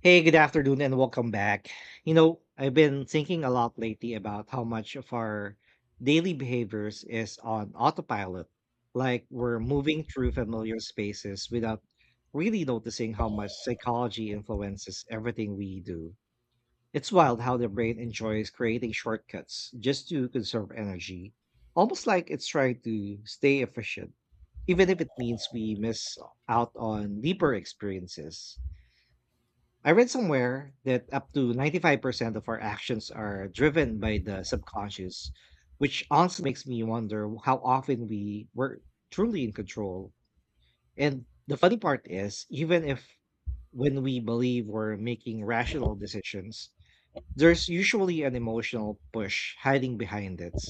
Hey, good afternoon and welcome back. You know, I've been thinking a lot lately about how much of our daily behaviors is on autopilot. Like we're moving through familiar spaces without really noticing how much psychology influences everything we do. It's wild how the brain enjoys creating shortcuts just to conserve energy, almost like it's trying to stay efficient, even if it means we miss out on deeper experiences. I read somewhere that up to 95% of our actions are driven by the subconscious, which also makes me wonder how often we were truly in control. And the funny part is, even if when we believe we're making rational decisions, there's usually an emotional push hiding behind it.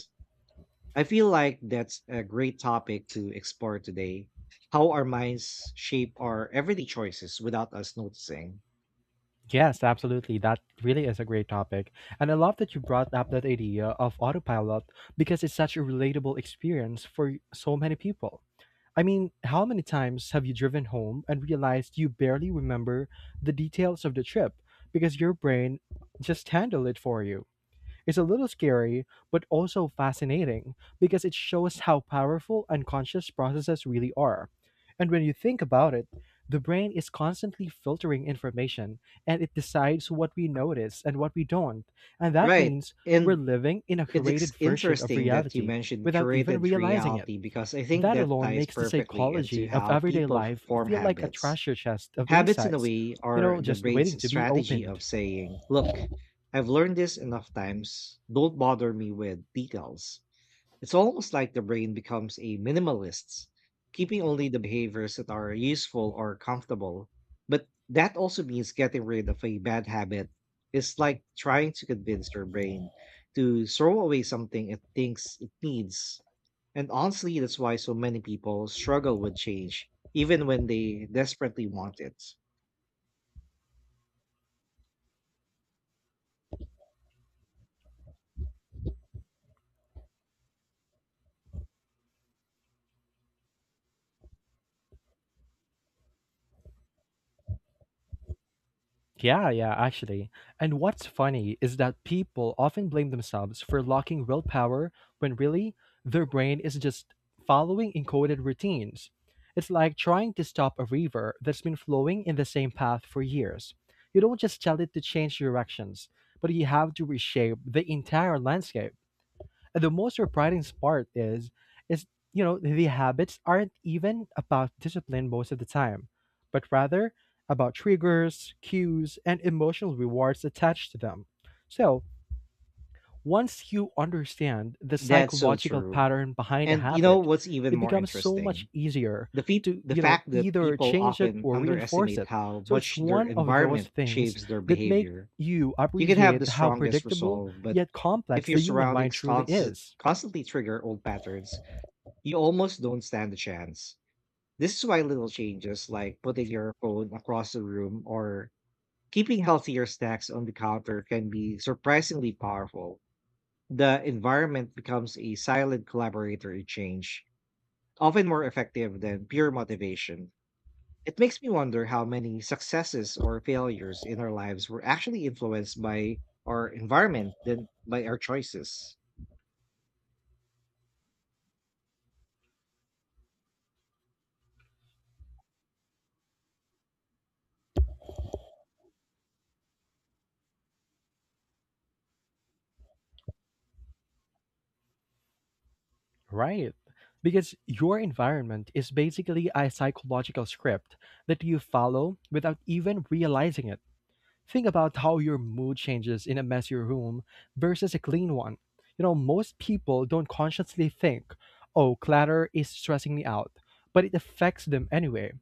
I feel like that's a great topic to explore today, how our minds shape our everyday choices without us noticing. Yes, absolutely. That really is a great topic. And I love that you brought up that idea of autopilot because it's such a relatable experience for so many people. I mean, how many times have you driven home and realized you barely remember the details of the trip because your brain just handled it for you? Is a little scary, but also fascinating because it shows how powerful unconscious processes really are. And when you think about it, the brain is constantly filtering information and it decides what we notice and what we don't. And that Right. means we're And living in a It's ex- curated version of interesting that you reality mentioned without even curated realizing it. reality because I think That that alone ties makes the perfectly into psychology of how everyday people life form feel like a habits. treasure chest of Habits, in a insights, way, are the just waiting brain's to be strategy opened. of saying, look, I've learned this enough times, don't bother me with details. It's almost like the brain becomes a minimalist, keeping only the behaviors that are useful or comfortable. But that also means getting rid of a bad habit. It's like trying to convince your brain to throw away something it thinks it needs. And honestly, that's why so many people struggle with change, even when they desperately want it. Yeah, yeah, actually. And what's funny is that people often blame themselves for lacking willpower when really their brain is just following encoded routines. It's like trying to stop a river that's been flowing in the same path for years. You don't just tell it to change directions, but you have to reshape the entire landscape. The most surprising part is, the habits aren't even about discipline most of the time, but rather about triggers, cues, and emotional rewards attached to them. So once you understand the That's so psychological true. pattern behind a And you know habit, what's even it more becomes so interesting? much easier The, fe to the fact that either people change it often or reinforce underestimate it. how So it's much their one of those environment things shapes their that make behavior. you You can have the appreciate how strongest predictable resolve, but yet if complex your the human mind surroundings truly const- is. constantly trigger old patterns, you almost don't stand a chance. This is why little changes like putting your phone across the room or keeping healthier snacks on the counter can be surprisingly powerful. The environment becomes a silent collaborator in change, often more effective than pure motivation. It makes me wonder how many successes or failures in our lives were actually influenced by our environment than by our choices. Right. Because your environment is basically a psychological script that you follow without even realizing it. Think about how your mood changes in a messy room versus a clean one. You know, most people don't consciously think, oh, clutter is stressing me out, but it affects them anyway.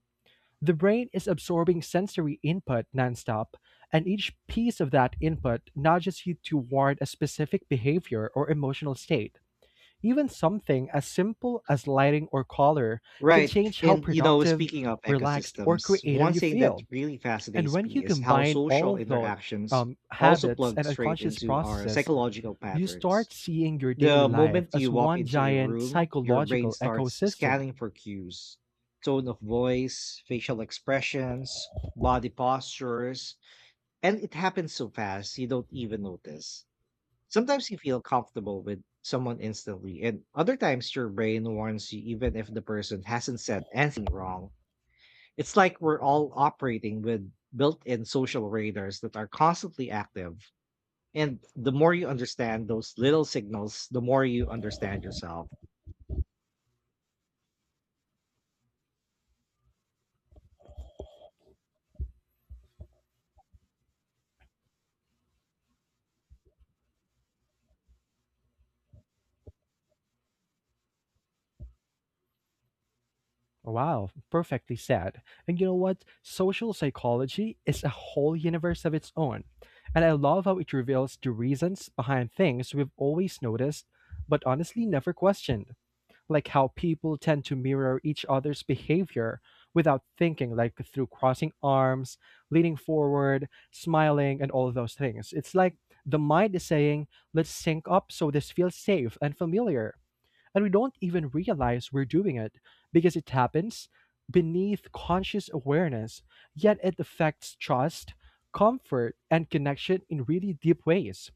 The brain is absorbing sensory input nonstop, and each piece of that input nudges you toward a specific behavior or emotional state. Even something as simple as lighting or color can Right. change how And, you know, productive, speaking of relaxed, or ecosystems, creative one you thing that feel. really And fascinates when you me is how combine social all the interactions also habits plug and straight unconscious into our processes, psychological you patterns. start seeing your daily The life moment you as walk one into a giant room, your brain psychological starts ecosystem. scanning for cues: tone of voice, facial expressions, body postures. And it happens so fast, you don't even notice. Sometimes you feel comfortable with someone instantly, and other times your brain warns you even if the person hasn't said anything wrong. It's like we're all operating with built in social radars that are constantly active. And the more you understand those little signals, the more you understand yourself. Wow, perfectly said. And you know what? Social psychology is a whole universe of its own. And I love how it reveals the reasons behind things we've always noticed, but honestly never questioned. Like how people tend to mirror each other's behavior without thinking, like through crossing arms, leaning forward, smiling, and all those things. It's like the mind is saying, let's sync up so this feels safe and familiar. And we don't even realize we're doing it because it happens beneath conscious awareness, yet it affects trust, comfort, and connection in really deep ways.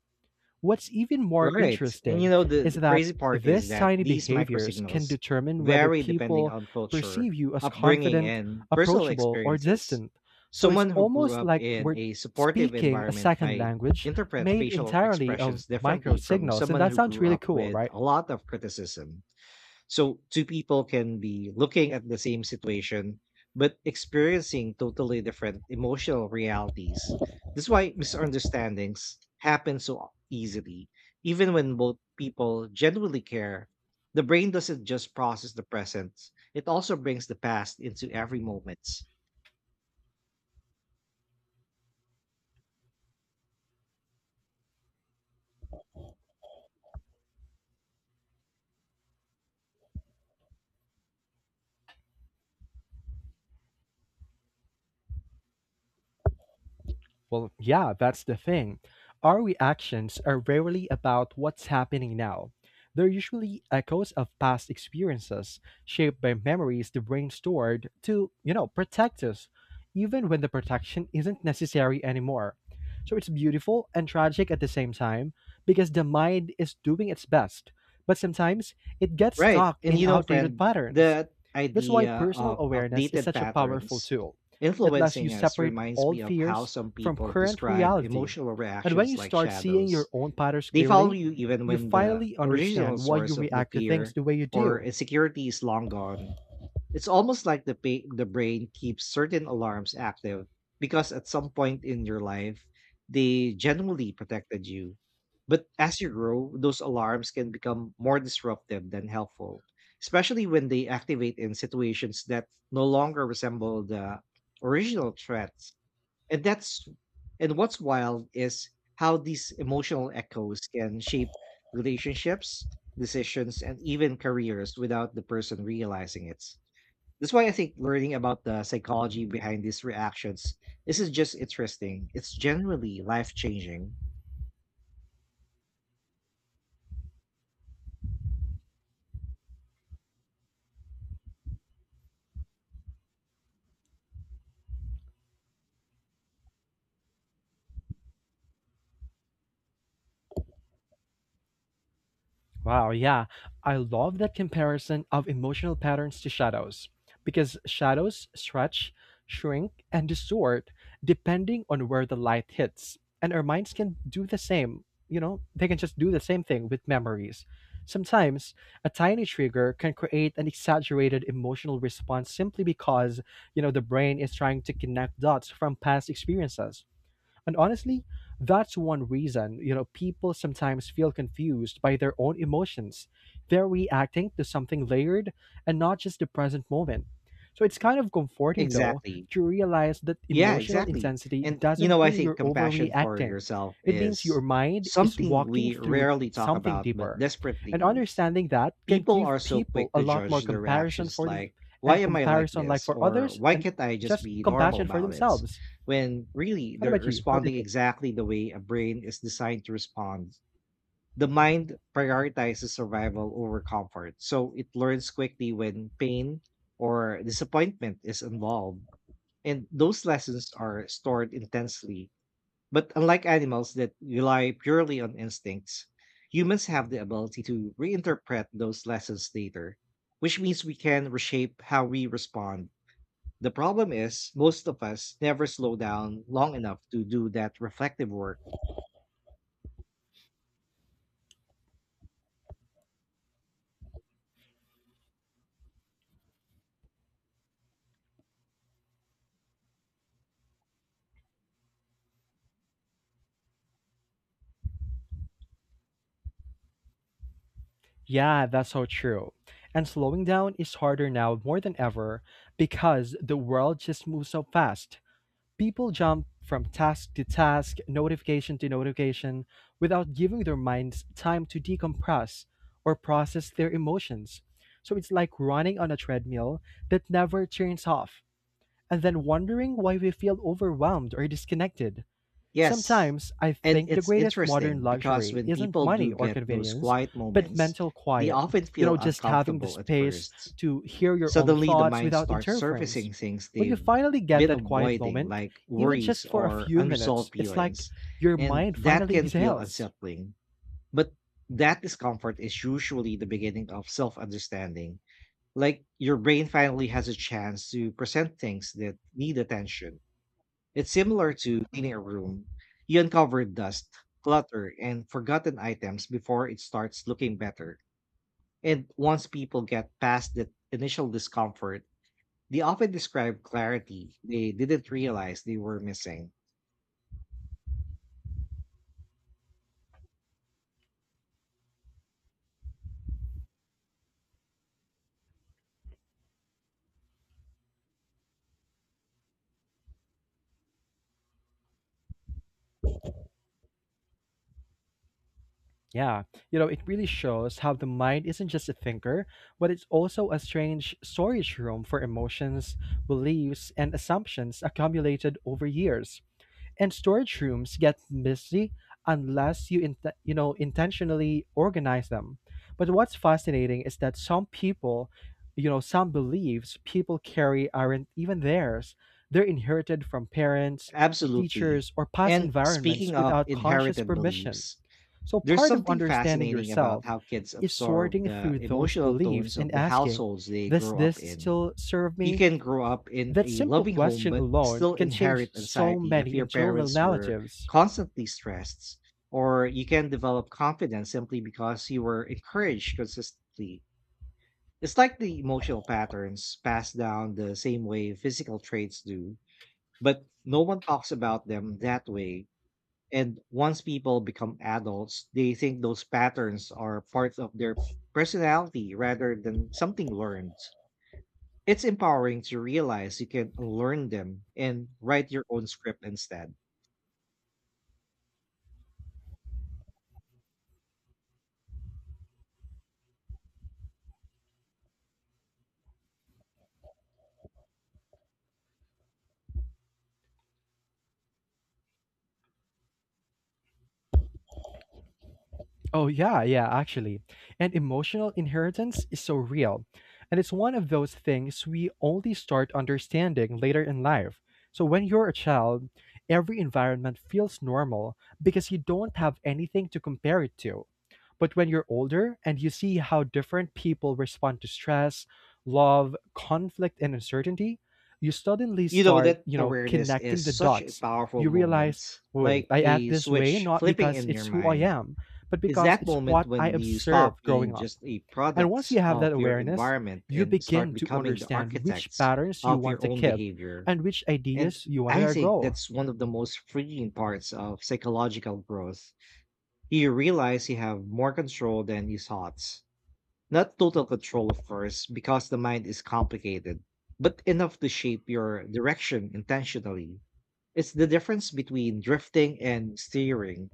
What's even more Right. And you interesting know, the, is the that crazy part is these that tiny these behaviors can microsignals determine whether vary depending people on culture, perceive you as upbringing, confident, and personal approachable, or experiences. distant. So it's Someone who grew almost up like in we're a supportive speaking a environment second might language interpret made facial entirely of expressions micro differently from signals. And someone that who sounds grew really up cool, with right? a lot of criticism. So two people can be looking at the same situation, but experiencing totally different emotional realities. That's why misunderstandings happen so easily. Even when both people genuinely care, the brain doesn't just process the present, it also brings the past into every moment. Well, yeah, that's the thing. Our reactions are rarely about what's happening now. They're usually echoes of past experiences, shaped by memories the brain stored to, protect us, even when the protection isn't necessary anymore. So it's beautiful and tragic at the same time because the mind is doing its best, but sometimes it gets Right. stuck And in you know, outdated friend, patterns. that That's why idea personal of awareness is outdated such a powerful patterns tool. It lets you influencing us separate reminds me old of how fears some from people current describe reality. emotional And when reactions you like start seeing shadows. your own patterns They follow clearly, you even you when the finally original understand why you source of the react to things fear the way you or do. insecurity is long gone. It's almost like the brain keeps certain alarms active because at some point in your life they generally protected you. But as you grow, those alarms can become more disruptive than helpful, especially when they activate in situations that no longer resemble the original threats. And that's and what's wild is how these emotional echoes can shape relationships, decisions, and even careers without the person realizing it. That's why I think learning about the psychology behind these reactions, this is just interesting. It's generally life changing. Wow, yeah. I love that comparison of emotional patterns to shadows because shadows stretch, shrink, and distort depending on where the light hits. And our minds can do the same. You know, they can just do the same thing with memories. Sometimes a tiny trigger can create an exaggerated emotional response simply because, the brain is trying to connect dots from past experiences. And honestly, that's one reason, people sometimes feel confused by their own emotions. They're reacting to something layered and not just the present moment. So it's kind of comforting, though, Exactly. to realize that Yeah, emotional exactly. intensity And you know, doesn't I mean think you're compassion for overreacting. yourself It means is your mind is something walking we through rarely talk something about but deeper. desperately And needs. understanding that can People give are so people quick a to lot more judge their comparison reactions for them like, why and am I like comparison like this? for Or others why and can't I just just be normal compassion for about it? themselves. When really What they're about you? How do you responding think? exactly the way a brain is designed to respond. The mind prioritizes survival over comfort, so it learns quickly when pain or disappointment is involved. And those lessons are stored intensely. But unlike animals that rely purely on instincts, humans have the ability to reinterpret those lessons later, which means we can reshape how we respond. The problem is, most of us never slow down long enough to do that reflective work. Yeah, that's so true. And slowing down is harder now more than ever because the world just moves so fast. People jump from task to task, notification to notification, without giving their minds time to decompress or process their emotions. So it's like running on a treadmill that never turns off, and then wondering why we feel overwhelmed or disconnected. Yes. Sometimes I And think the it's greatest modern interesting because luxury when isn't people money do or get those convenience, quiet but moments, mental they quiet. often You feel know, just having the uncomfortable at space first. to hear your own Suddenly, the thoughts mind without starts interference. surfacing things When you they've finally get been that quiet avoiding, moment, like even worries just for a or few minutes, unresolved it's like feelings. your And mind that finally can feel exhales. unsettling. But that discomfort is usually the beginning of self understanding. Like your brain finally has a chance to present things that need attention. It's similar to cleaning a room. You uncover dust, clutter, and forgotten items before it starts looking better. And once people get past that initial discomfort, they often describe clarity they didn't realize they were missing. Yeah, you know, it really shows how the mind isn't just a thinker, but it's also a strange storage room for emotions, beliefs, and assumptions accumulated over years, and storage rooms get messy unless you you know intentionally organize them. But what's fascinating is that some people, some beliefs people carry aren't even theirs. They're inherited from parents, Absolutely. teachers, or past And speaking environments of without conscious inherited permission. beliefs, So there's part of something understanding fascinating about yourself how kids is absorb sorting the through those emotional tones beliefs of and the asking, households they does grow this up in. still serve You me? can grow up in That a simple loving home, question but alone still can change inherit so anxiety if many your internal parents were narratives. constantly stressed, or you can develop confidence simply because you were encouraged consistently. It's like the emotional patterns pass down the same way physical traits do, but no one talks about them that way. And once people become adults, they think those patterns are part of their personality rather than something learned. It's empowering to realize you can learn them and write your own script instead. Oh, yeah, yeah, actually. And emotional inheritance is so real. And it's one of those things we only start understanding later in life. So when you're a child, every environment feels normal because you don't have anything to compare it to. But when you're older and you see how different people respond to stress, love, conflict, and uncertainty, you suddenly You know, start, that awareness connecting is the such a dots. powerful You realize, moment, wait, like I act a this way switch not flipping because in your it's who I mind. am, but It's because that it's moment what I when you stop observed growing being up. just a And once product you have that of your awareness, environment you and start begin to becoming the understand which architects patterns you of want your to own keep behavior. and which And ideas you want I to think grow. that's one of the most freeing parts of psychological growth. You realize you have more control than you thought. Not total control, of course, because the mind is complicated, but enough to shape your direction intentionally. It's the difference between drifting and steering.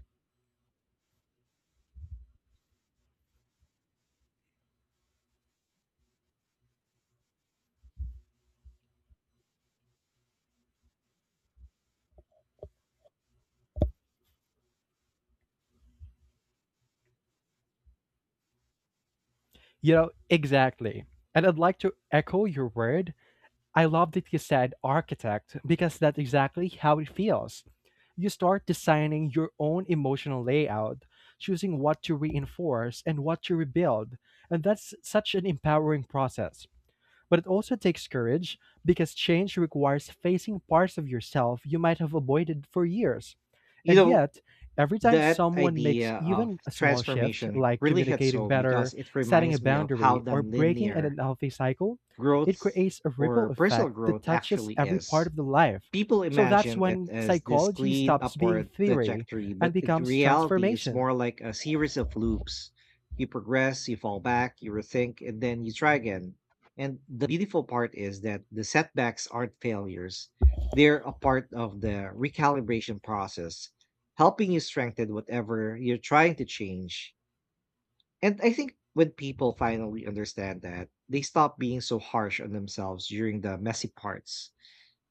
You know, exactly. And I'd like to echo your word. I love that you said architect because that's exactly how it feels. You start designing your own emotional layout, choosing what to reinforce and what to rebuild. And that's such an empowering process, but it also takes courage because change requires facing parts of yourself you might have avoided for years. You And know, yet, every time that someone makes idea of even a small shift, transformation like really hits communicating home because better, it setting a reminds me of how boundary, or breaking an nonlinear unhealthy cycle, it growth creates a or ripple personal effect that growth touches actually every part is. of the life. People So that's imagine it when as this psychology clean stops being upward theory trajectory, and but in becomes reality, it's transformation. more like a series of loops. You progress, you fall back, you rethink, and then you try again. And the beautiful part is that the setbacks aren't failures, they're a part of the recalibration process, helping you strengthen whatever you're trying to change. And I think when people finally understand that, they stop being so harsh on themselves during the messy parts.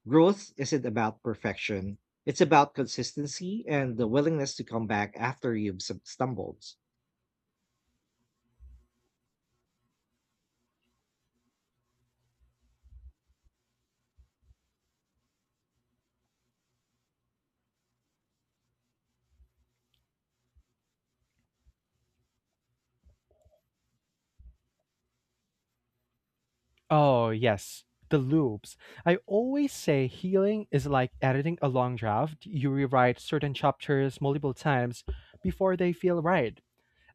Growth isn't about perfection, it's about consistency and the willingness to come back after you've stumbled. Oh, yes, the loops. I always say healing is like editing a long draft. You rewrite certain chapters multiple times before they feel right.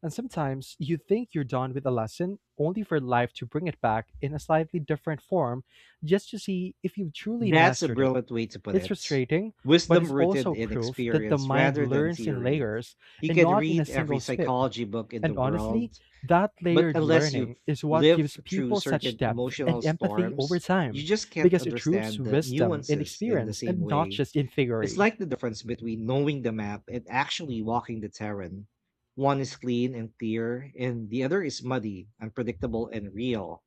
And sometimes you think you're done with a lesson only for life to bring it back in a slightly different form just to see if you've truly That's a mastered it. brilliant way to put It's it. frustrating, but it's Wisdom rooted also in proof that the experience mind rather than learns in theory. layers You and can not in a read single every sweep. psychology book in the And honestly, world, that but layered unless learning you've is what gives lived through people such certain depth and emotional empathy over storms, you time, just can't because it roots understand the wisdom in nuances in the experience same and not way. just in It's theory. like the difference between knowing the map and actually walking the terrain. One is clean and clear, and the other is muddy, unpredictable, and real.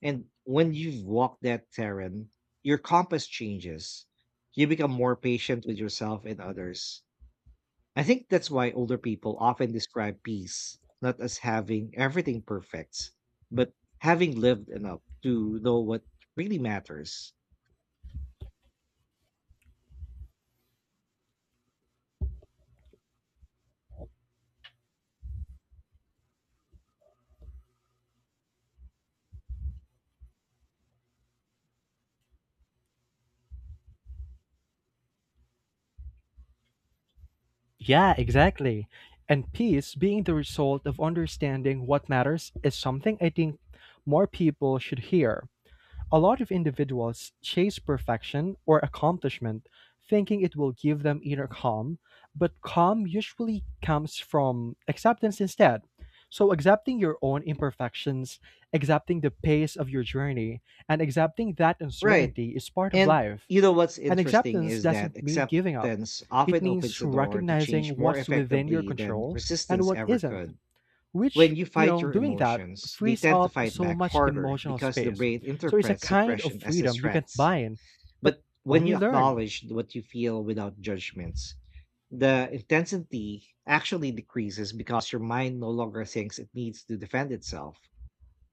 And when you've walked that terrain, your compass changes. You become more patient with yourself and others. I think that's why older people often describe peace not as having everything perfect, but having lived enough to know what really matters. Yeah, exactly. And peace being the result of understanding what matters is something I think more people should hear. A lot of individuals chase perfection or accomplishment thinking it will give them inner calm, but calm usually comes from acceptance instead. So, accepting your own imperfections, accepting the pace of your journey, and accepting that Right. uncertainty is part of And life. you know what's And interesting acceptance is that doesn't mean giving up, acceptance it often opens means the door to change recognizing more what's within your effectively than control and resistance what ever isn't, could. When which you fight your doing that emotions, they frees tend to up fight so back much harder emotional because the space. brain So it's a interprets kind of suppression as a freedom you can threat. buy in, but But when only you learn. acknowledge what you feel without judgments, the intensity actually decreases because your mind no longer thinks it needs to defend itself.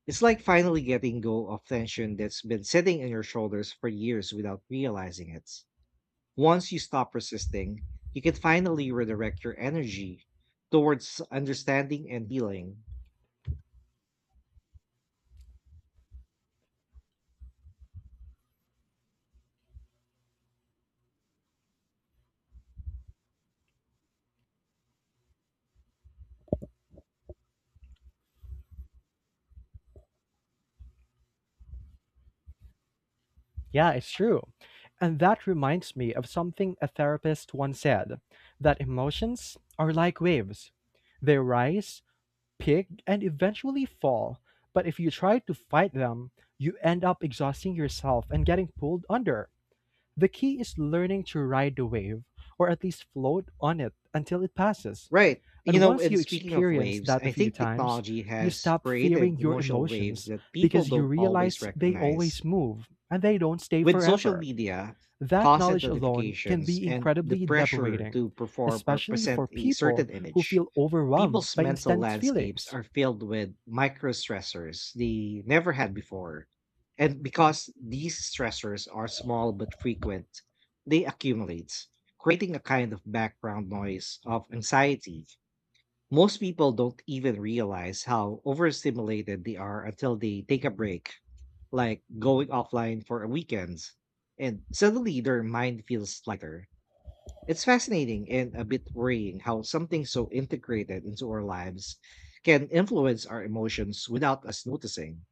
It's like finally getting go of tension that's been sitting on your shoulders for years without realizing it. Once you stop resisting, you can finally redirect your energy towards understanding and healing. Yeah, it's true. And that reminds me of something a therapist once said, that emotions are like waves. They rise, peak, and eventually fall. But if you try to fight them, you end up exhausting yourself and getting pulled under. The key is learning to ride the wave, or at least float on it until it passes. Right. You And know, once and you speaking of experience waves, that a I few think times, technology you has stop created fearing your emotional waves emotions that people because you don't always realize they recognize. always move and they don't stay With social forever. media, That constant knowledge alone can notifications, be and the incredibly pressure liberating, to perform or especially for present a people certain who image, feel overwhelmed people's by mental instant landscapes feelings. are filled with micro stressors they never had before. And because these stressors are small but frequent, they accumulate, creating a kind of background noise of anxiety. Most people don't even realize how overstimulated they are until they take a break like going offline for weekends, and suddenly their mind feels lighter. It's fascinating and a bit worrying how something so integrated into our lives can influence our emotions without us noticing.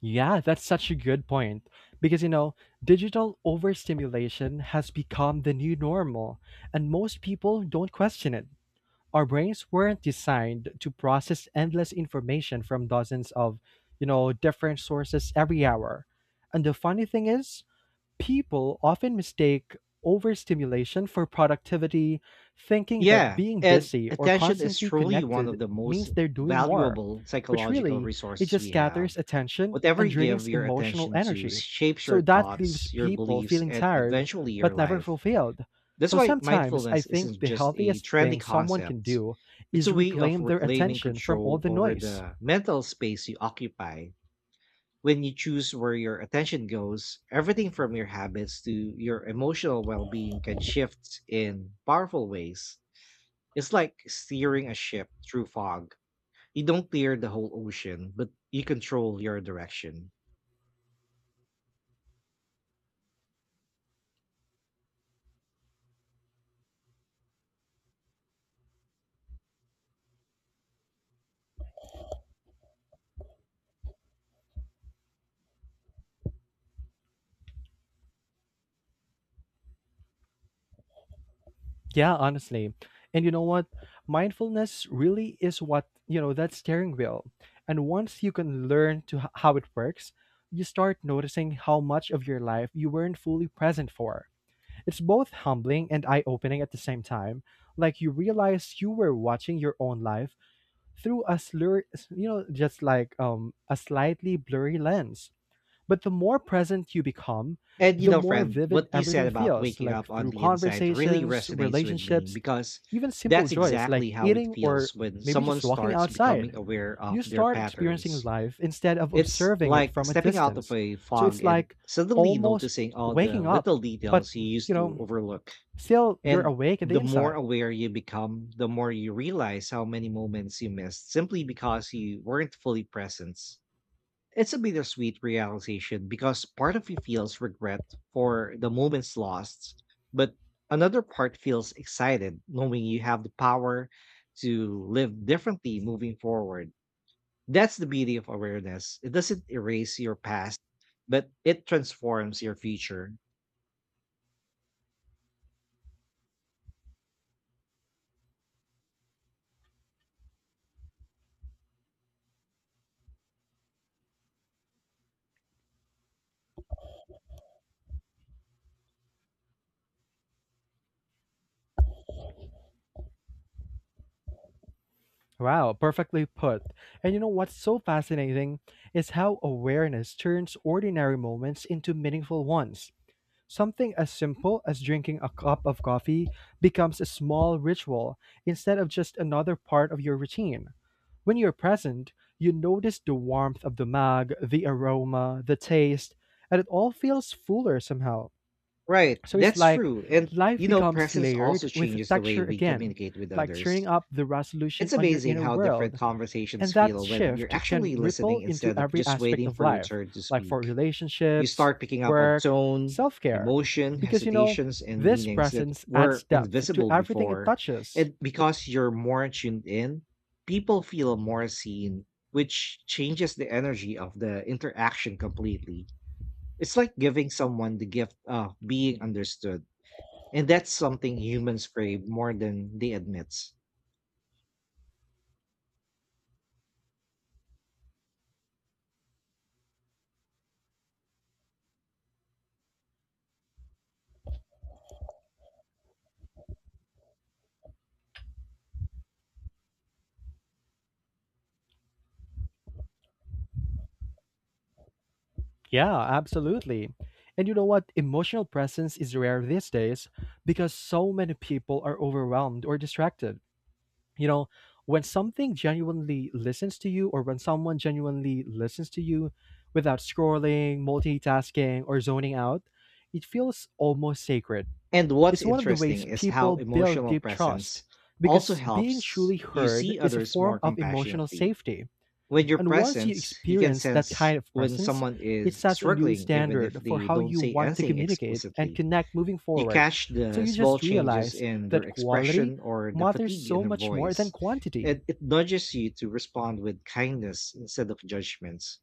Yeah, that's such a good point. Because, digital overstimulation has become the new normal, and most people don't question it. Our brains weren't designed to process endless information from dozens of, different sources every hour. And the funny thing is, people often mistake overstimulation for productivity, thinking that Yeah, being and busy or attention is constantly truly one connected of the most means they're doing more. valuable But psychological really, it resources just we have. scatters attention Whatever and you give drains your emotional attention to energy. shapes So your that leaves thoughts, your people beliefs, feeling and tired eventually your but never life. fulfilled. That's So why sometimes I mindfulness think isn't the just a healthiest trendy thing someone can concept. do It's is a way of reclaim their reclaiming attention from all control the over noise. the mental space you occupy. When you choose where your attention goes, everything from your habits to your emotional well being can shift in powerful ways. It's like steering a ship through fog. You don't clear the whole ocean, but you control your direction. Yeah, honestly. And you know what? Mindfulness really is what, that steering wheel. And once you can learn to how it works, you start noticing how much of your life you weren't fully present for. It's both humbling and eye opening at the same time. Like you realize you were watching your own life through a slur, you know, just like a slightly blurry lens. But the more present you become, And you the know, more friend, vivid what you said everything about feels, waking like up on through the inside really conversations, resonates with me, relationships, because even simple that's joys like exactly how it eating or feels when maybe someone just walking starts outside. becoming aware of You their start experiencing patterns. life instead of It's observing it like from a stepping out of distance. a So fog it's and like suddenly almost noticing all the waking up, little but details you you used to know, overlook. still you're And awake in the the more inside. aware you become, the more you realize how many moments you missed simply because you weren't fully present. It's a bittersweet realization because part of you feels regret for the moments lost, but another part feels excited knowing you have the power to live differently moving forward. That's the beauty of awareness. It doesn't erase your past, but it transforms your future. Wow, perfectly put. And you know what's so fascinating is how awareness turns ordinary moments into meaningful ones. Something as simple as drinking a cup of coffee becomes a small ritual instead of just another part of your routine. When you're present, you notice the warmth of the mug, the aroma, the taste, and it all feels fuller somehow. Right. So it's That's like true. And, life you know, becomes presence also layered with changes the way texture we again, communicate with like others. turning up the resolution It's on your amazing inner how different world. conversations And that feel when you're shift can actually listening ripple into instead of every just aspect waiting of for your life, turn to like for speak. You relationships, start picking up on work, tone, self care. emotion, Because, hesitations, and this meanings that presence adds were depth to invisible everything it before. touches. And because you're more tuned in, people feel more seen, which changes the energy of the interaction completely. It's like giving someone the gift of being understood. And that's something humans crave more than they admit. Yeah, absolutely. And you know what? Emotional presence is rare these days because so many people are overwhelmed or distracted. you know when something genuinely listens to you, or when someone genuinely listens to you without scrolling, multitasking or zoning out, it feels almost sacred. And what's It's one of the ways interesting is people how build emotional deep trust, presence also because being helps truly you heard see is a others form more of emotional compassionately. safety. With your And once you presence, you can experience that kind sense of when presence, someone it is sets a new struggling, even if standard for they how don't you say want to anything communicate and explicitly. connect moving You forward. catch So the you small just changes realize in their that quality expression or the matters fatigue in so their much more than voice, and quantity. it nudges you to respond with kindness instead of judgments.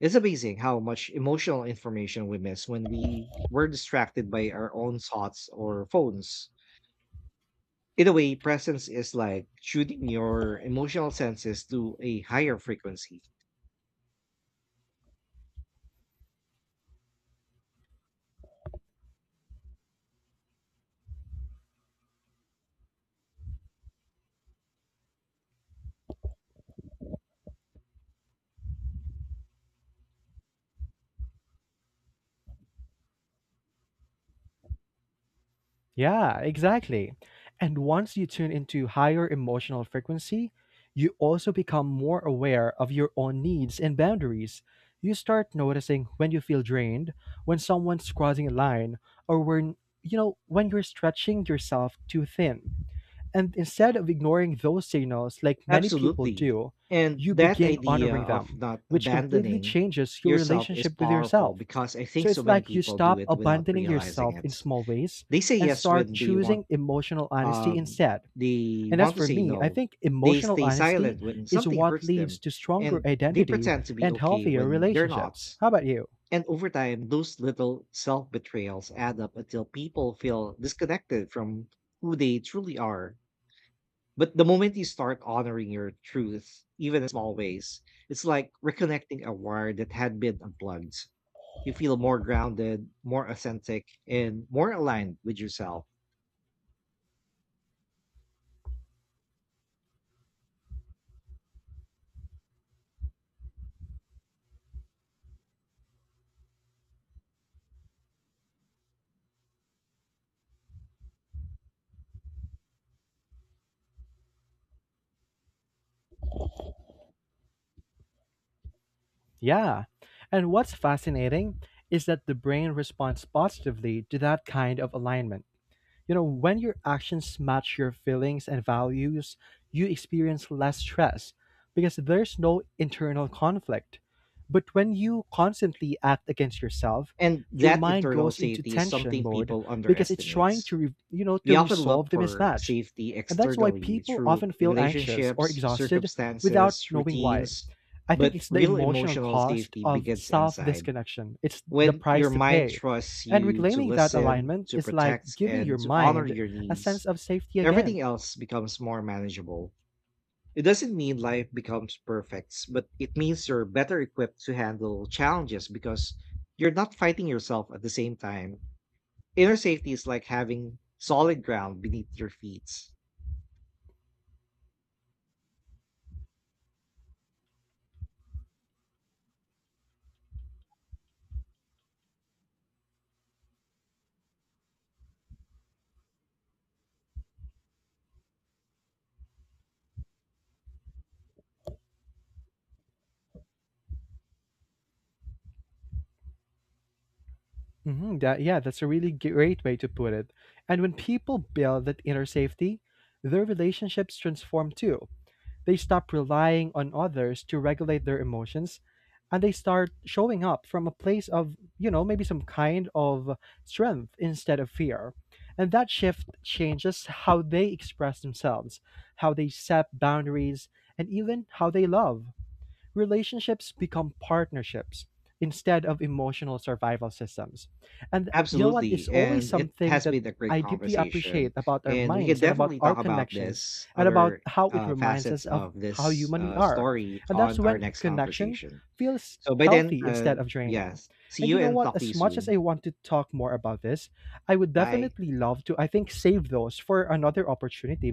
It's amazing how much emotional information we miss when we were distracted by our own thoughts or phones. In a way, presence is like shooting your emotional senses to a higher frequency. Yeah, exactly. And once you tune into higher emotional frequency, you also become more aware of your own needs and boundaries. You start noticing when you feel drained, when someone's crossing a line, or when, when you're stretching yourself too thin. And instead of ignoring those signals like many people Absolutely. do, And you that begin idea honoring of them, not which completely abandoning changes your yourself is relationship with powerful yourself. because I think So so it's many like you people do stop it without abandoning realizing yourself in it. small ways They say and yes start when choosing emotional honesty um instead. they And as want to for say me, I no. think They emotional stay honesty silent when is something what hurts leads them to stronger and they identity pretend to be and okay healthier when they're not. relationships. How about you? And over time, those little self betrayals add up until people feel disconnected from who they truly are, but the moment you start honoring your truth, even in small ways, it's like reconnecting a wire that had been unplugged. You feel more grounded, more authentic, and more aligned with yourself. Yeah. And what's fascinating is that the brain responds positively to that kind of alignment. You know, when your actions match your feelings and values, you experience less stress because there's no internal conflict. But when you constantly act against yourself, And your that mind internal goes into safety is tension something mode people because it's underestimate. trying to, We to often resolve look the for mismatch. safety And that's why externally people through often feel anxious or relationships, exhausted without circumstances, knowing why. routines, I think but it's the real emotional emotional cost safety of begins self inside. disconnection. It's the When your price to mind pay. trusts And you to reclaiming that listen, alignment to is like protect, giving and your to honor mind your a needs, sense of safety again. everything else becomes more manageable. It doesn't mean life becomes perfect, but it means you're better equipped to handle challenges because you're not fighting yourself at the same time. Inner safety is like having solid ground beneath your feet. That, yeah, that's a really great way to put it. And when people build that inner safety, their relationships transform too. They stop relying on others to regulate their emotions and they start showing up from a place of, maybe some kind of strength instead of fear. And that shift changes how they express themselves, how they set boundaries, and even how they love. Relationships become partnerships instead of emotional survival systems. And you know what? It's Absolutely, always and it something has that been a great I deeply conversation, appreciate about our and we can minds and about definitely our talk about connections this and about other how it reminds facets us of of how this human we are. story And that's on our when next connection conversation. feels So by then, healthy instead of draining. yes, see And you you know and what? talk to you As much as I soon. want to talk more about this, I would Bye. definitely love to, I think, save those for another opportunity,